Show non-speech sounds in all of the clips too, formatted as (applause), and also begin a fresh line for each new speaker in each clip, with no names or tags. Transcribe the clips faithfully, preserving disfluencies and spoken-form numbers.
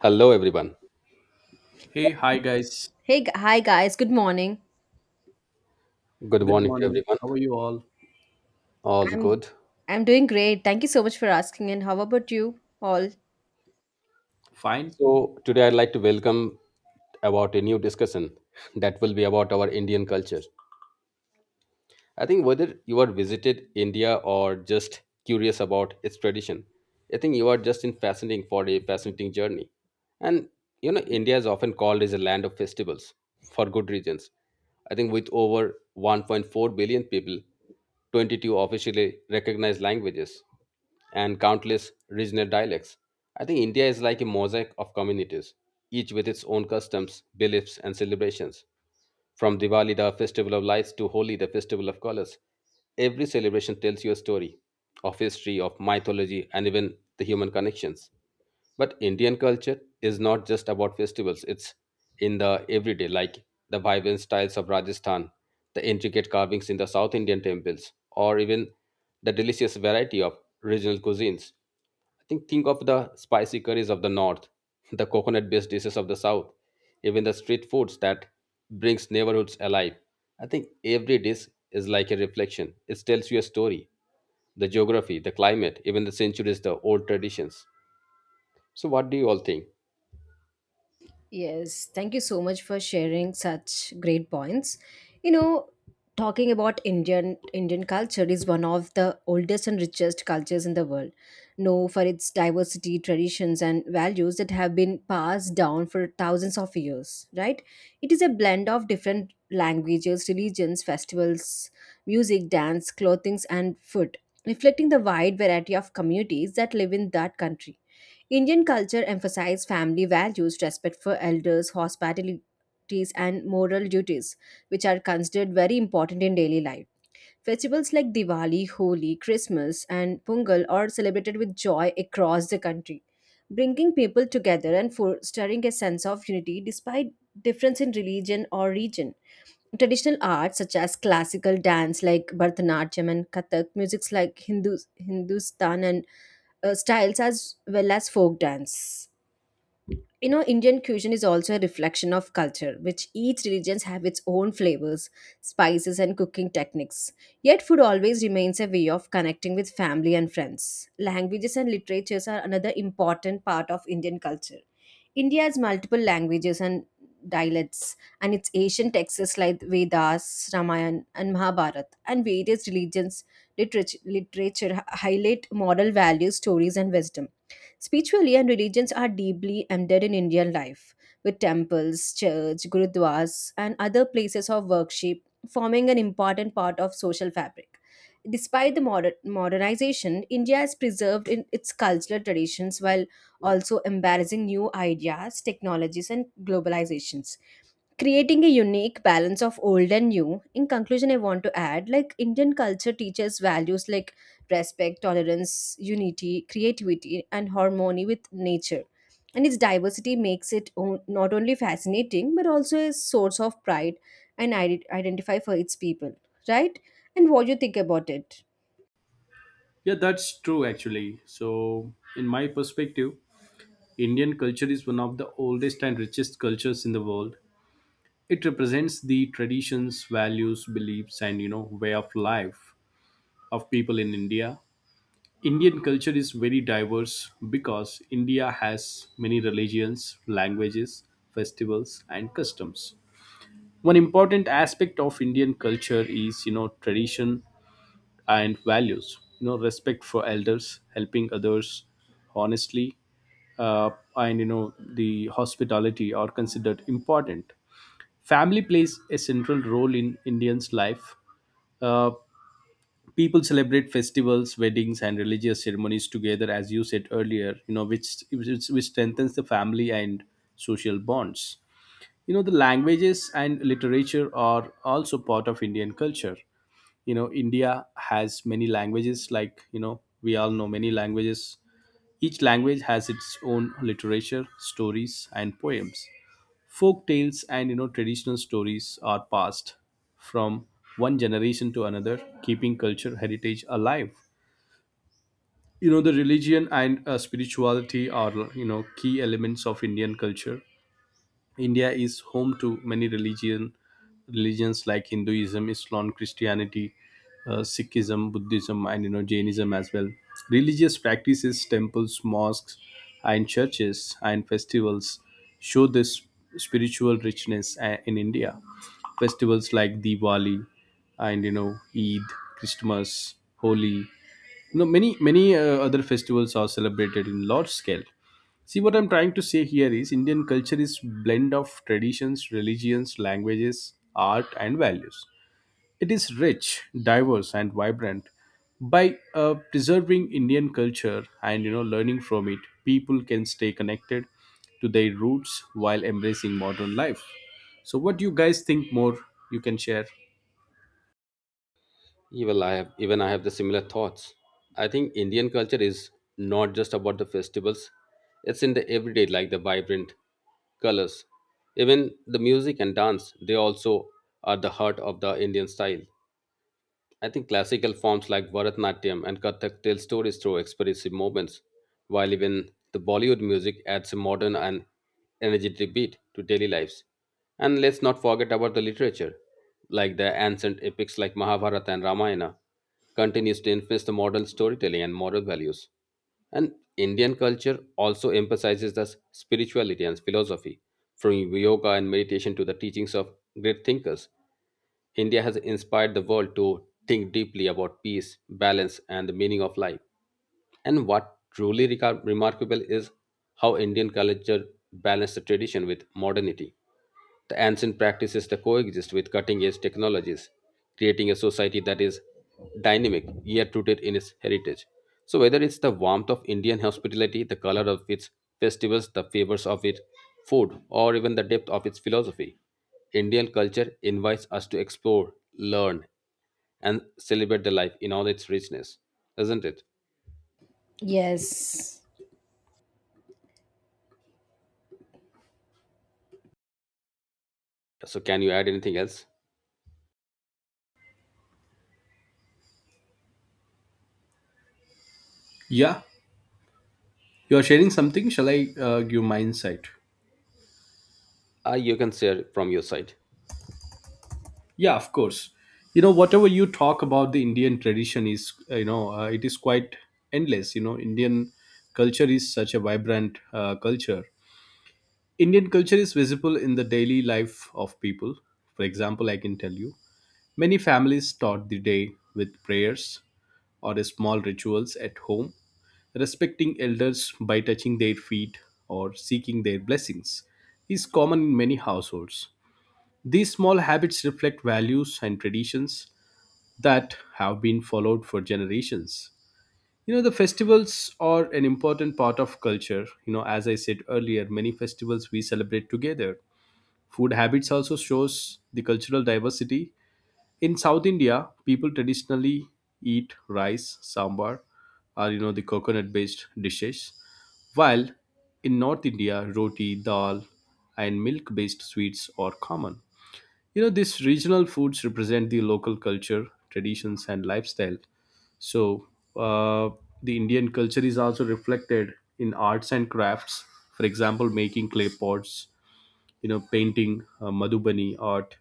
Hello, everyone.
Hey, hi guys.
Hey, gu- hi guys. Good morning.
Good
Good
morning to
morning.
everyone.
How are you all?
All
I'm
good.
I'm doing great. Thank you so much for asking. And how about you all?
Fine?
So, today I'd like to welcome about a new discussion that will be about our Indian culture. I think whether you are visited India or just curious about its tradition, I think you are just in fascinating for a fascinating journey. And you know, India is often called as a land of festivals for good reasons. I think with over one point four billion people, twenty-two officially recognized languages, and countless regional dialects. I think India is like a mosaic of communities, each with its own customs, beliefs, and celebrations. From Diwali, the festival of lights, to Holi, the festival of colors. Every celebration tells you a story of history, of mythology, and even the human connections. But Indian culture is not just about festivals, it's in the everyday, like the vibrant styles of Rajasthan, the intricate carvings in the South Indian temples, or even the delicious variety of regional cuisines. I think think of the spicy curries of the north, (laughs) the coconut based dishes of the south, even the street foods that brings neighborhoods alive. I think every dish is like a reflection. It tells you a story, the geography, the climate, even the centuries, the old traditions. So what do you all think?
Yes, thank you so much for sharing such great points. You know, talking about Indian Indian culture is one of the oldest and richest cultures in the world, known for its diversity, traditions, and values that have been passed down for thousands of years, right? It is a blend of different languages, religions, festivals, music, dance, clothings, and food, reflecting the wide variety of communities that live in that country. Indian culture emphasizes family values, respect for elders, hospitalities, and moral duties, which are considered very important in daily life. Festivals like Diwali, Holi, Christmas, and Pungal are celebrated with joy across the country, bringing people together and fostering a sense of unity despite difference in religion or region. Traditional arts such as classical dance like Bharatanatyam and Kathak, musics like Hindu, Hindustan and uh, styles as well as folk dance. You know, Indian cuisine is also a reflection of culture, which each religion have its own flavors, spices and cooking techniques, yet food always remains a way of connecting with family and friends. Languages and literatures are another important part of Indian culture. India has multiple languages and dialects, and its ancient texts like Vedas, Ramayana and Mahabharata, and various religions literature, literature highlight moral values, stories and wisdom. Spiritually and religions are deeply embedded in Indian life, with temples, church, gurudwaras, and other places of worship forming an important part of social fabric. Despite the modern, modernization, India has preserved in its cultural traditions while also embracing new ideas, technologies, and globalizations, creating a unique balance of old and new. In conclusion, I want to add, like, Indian culture teaches values like respect, tolerance, unity, creativity and harmony with nature, and its diversity makes it o- not only fascinating but also a source of pride and ide- identify for its people, right? And what do you think about it?
Yeah, that's true actually. So, in my perspective, Indian culture is one of the oldest and richest cultures in the world. It represents the traditions, values, beliefs and, you know, way of life of people in India. Indian culture is very diverse because India has many religions, languages, festivals and customs. One important aspect of Indian culture is, you know, tradition and values, you know, respect for elders, helping others honestly, uh, and, you know, the hospitality are considered important. Family plays a central role in indians life. uh, People celebrate festivals, weddings and religious ceremonies together, as you said earlier, you know, which which, which strengthens the family and social bonds. You know, the languages and literature are also part of indian culture. You know, india has many languages, like, you know, we all know many languages. Each language has its own literature, stories and poems. Folk tales and, you know, traditional stories are passed from one generation to another, keeping culture heritage alive. You know, the religion and uh, spirituality are, you know, key elements of indian culture. India is home to many religion religions like Hinduism, Islam, Christianity, uh, Sikhism, Buddhism, and, you know, Jainism as well. Religious practices, temples, mosques, and churches and festivals show this spiritual richness uh, in India. Festivals like Diwali and, you know, Eid, Christmas, Holi, you know, many many uh, other festivals are celebrated in large scale. See, what I'm trying to say here is Indian culture is blend of traditions, religions, languages, art, and values. It is rich, diverse, and vibrant. By uh, preserving Indian culture and, you know, learning from it, people can stay connected to their roots while embracing modern life. So, what do you guys think more? You can share.
Yeah, well, I have even I have the similar thoughts. I think Indian culture is not just about the festivals; it's in the everyday, like the vibrant colors, even the music and dance. They also are the heart of the Indian style. I think classical forms like Bharatnatyam and Kathak tell stories through expressive movements, while even the Bollywood music adds a modern and energetic beat to daily lives. And let's not forget about the literature, like the ancient epics like Mahabharata and Ramayana, continues to influence the modern storytelling and moral values. And Indian culture also emphasizes the spirituality and philosophy, from yoga and meditation to the teachings of great thinkers. India has inspired the world to think deeply about peace, balance, and the meaning of life. And what truly reca- remarkable is how Indian culture balances the tradition with modernity. The ancient practices that coexist with cutting edge technologies, creating a society that is dynamic yet rooted in its heritage. So, whether it's the warmth of Indian hospitality, the color of its festivals, the flavors of its food, or even the depth of its philosophy, Indian culture invites us to explore, learn, and celebrate the life in all its richness, isn't it?
Yes.
So, can you add anything else?
Yeah, you are sharing something. Shall I uh, give my insight?
Uh, you can share from your side.
Yeah, of course. You know, whatever you talk about the Indian tradition is, uh, you know, uh, it is quite endless. You know, Indian culture is such a vibrant uh, culture. Indian culture is visible in the daily life of people. For example, I can tell you many families start the day with prayers or small rituals at home. Respecting elders by touching their feet or seeking their blessings is common in many households. These small habits reflect values and traditions that have been followed for generations. You know, the festivals are an important part of culture. You know, as I said earlier, many festivals we celebrate together. Food habits also shows the cultural diversity. In South India, people traditionally eat rice, sambar, or, you know, the coconut-based dishes, while in North India, roti, dal, and milk-based sweets are common. You know, these regional foods represent the local culture, traditions, and lifestyle. So, uh, the Indian culture is also reflected in arts and crafts. For example, making clay pots, you know, painting, uh, Madhubani art,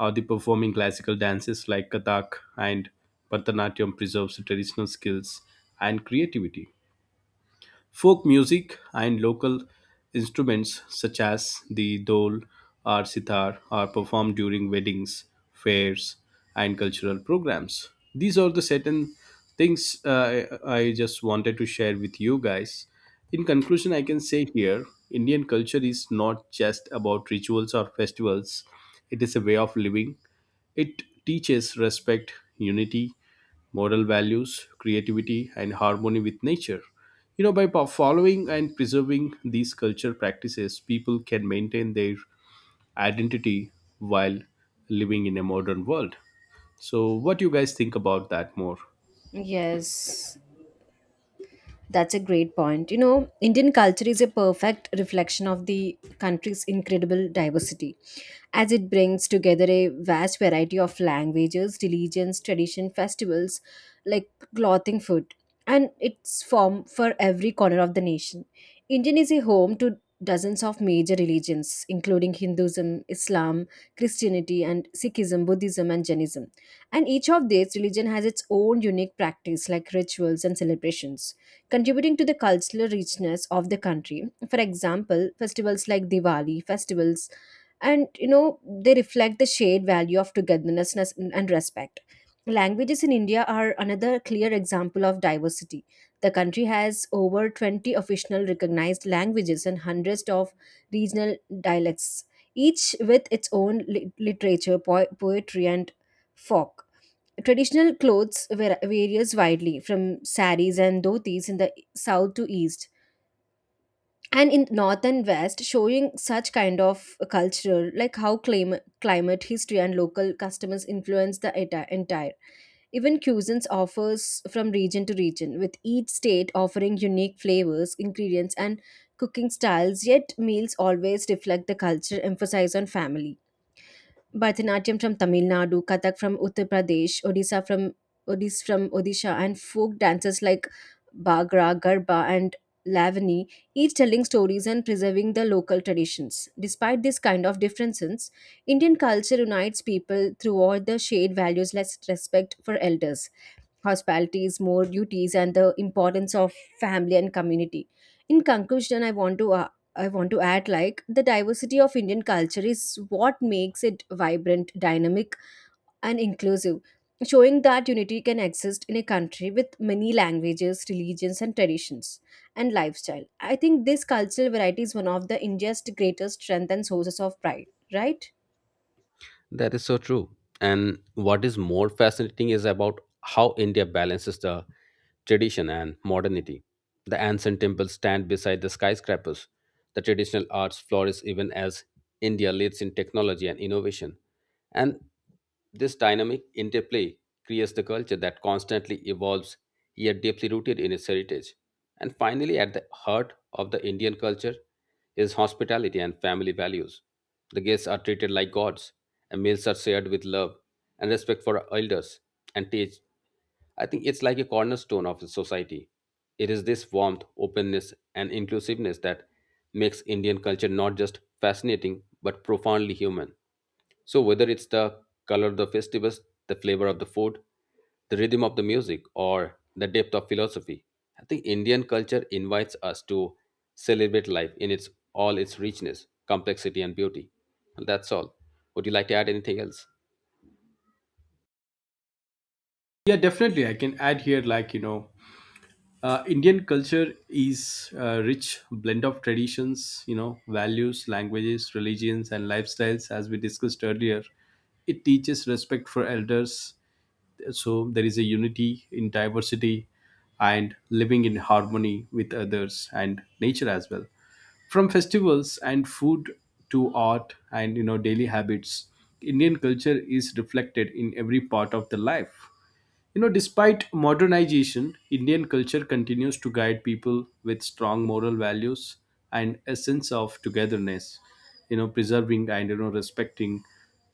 or the performing classical dances like Kathak and Bharatanatyam preserves the traditional skills and creativity. Folk music and local instruments such as the dole or sitar are performed during weddings, fairs, and cultural programs. These are the certain things uh, I I just wanted to share with you guys. In conclusion, I can say here Indian culture is not just about rituals or festivals, it is a way of living. It teaches respect, unity, moral values, creativity, and harmony with nature. You know, by po- following and preserving these culture practices, people can maintain their identity while living in a modern world. So, what do you guys think about that more?
Yes. That's a great point. You know, Indian culture is a perfect reflection of the country's incredible diversity, as it brings together a vast variety of languages, religions, tradition, festivals, like clothing, food, and its form for every corner of the nation. Indian is a home to dozens of major religions, including Hinduism, Islam, Christianity, and Sikhism, Buddhism, and Jainism. And each of these religion has its own unique practice, like rituals and celebrations contributing to the cultural richness of the country. For example, festivals like Diwali festivals, and you know, they reflect the shared value of togetherness and respect. Languages in India are another clear example of diversity. The country has over twenty official recognized languages and hundreds of regional dialects, each with its own lit- literature, po- poetry, and folk. Traditional clothes var- varies widely from saris and dhotis in the south to east and in north and west, showing such kind of culture like how clim- climate, history and local customs influence the enti- entire. Even cuisines offers from region to region, with each state offering unique flavors, ingredients and cooking styles, yet meals always reflect the culture emphasize on family. Bharatanatyam from Tamil Nadu, Kathak from Uttar Pradesh, Odisha from Odis from Odisha, and folk dances like Bhagra, Garba, and Lavani, each telling stories and preserving the local traditions. Despite this kind of differences, Indian culture unites people throughout the shared values like respect for elders, hospitalities, more duties, and the importance of family and community. In conclusion, I want to I want to add, like, the diversity of Indian culture is what makes it vibrant, dynamic, and inclusive, showing that unity can exist in a country with many languages, religions, and traditions and lifestyle. I think this cultural variety is one of the India's greatest strength and sources of pride, right?
That is so true. And what is more fascinating is about how India balances the tradition and modernity. The ancient temples stand beside the skyscrapers. The traditional arts flourish even as India leads in technology and innovation. And this dynamic interplay creates the culture that constantly evolves yet deeply rooted in its heritage. And finally, at the heart of the Indian culture is hospitality and family values. The guests are treated like gods, and meals are shared with love and respect for elders and teach. I think it's like a cornerstone of the society. It is this warmth, openness, and inclusiveness that makes Indian culture not just fascinating but profoundly human. So, whether it's the color of the festivals, the flavor of the food, the rhythm of the music, or the depth of philosophy, I think Indian culture invites us to celebrate life in its all its richness, complexity, and beauty. And that's all. Would you like to add anything else?
Yeah, definitely. I can add here, like, you know, uh, Indian culture is a rich blend of traditions, you know, values, languages, religions, and lifestyles, as we discussed earlier. It teaches respect for elders, so there is a unity in diversity and living in harmony with others and nature as well. From festivals and food to art and, you know, daily habits, indian culture is reflected in every part of the life. You know, despite modernization, Indian culture continues to guide people with strong moral values and a sense of togetherness. You know, preserving and, you know, respecting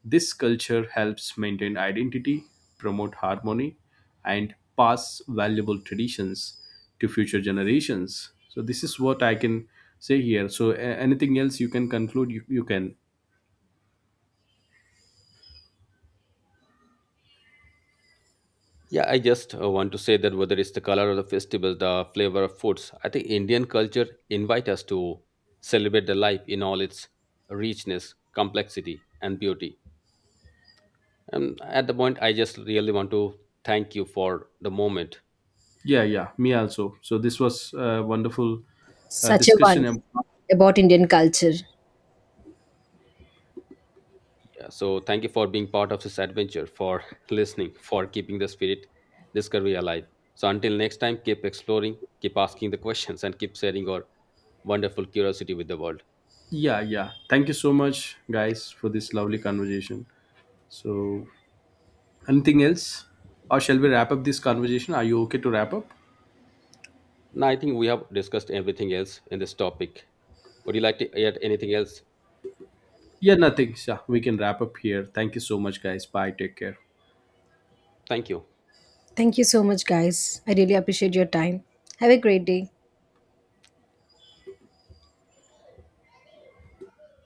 this culture helps maintain identity, promote harmony, and pass valuable traditions to future generations. So this is what I can say here. So a- anything else you can conclude, you, you can.
Yeah, I just uh, want to say that whether it's the color of the festivals, the flavor of foods, I think Indian culture invite us to celebrate the life in all its richness, complexity, and beauty. And at the point, I just really want to thank you for the moment.
Yeah, yeah, me also. So this was a wonderful uh,
Such a one
discussion.
about Indian culture.
Yeah, so thank you for being part of this adventure, for (laughs) listening, for keeping the spirit discovery alive. So until next time, keep exploring, keep asking the questions, and keep sharing your wonderful curiosity with the world.
Yeah, yeah. Thank you so much, guys, for this lovely conversation. So, anything else? Or shall we wrap up this conversation? Are you okay to wrap up?
Now I think we have discussed everything else in this topic. Would you like to add anything else?
Yeah, nothing. Yeah, we can wrap up here. Thank you so much, guys. Bye. Take care.
Thank you.
Thank you so much, guys. I really appreciate your time. Have a great day.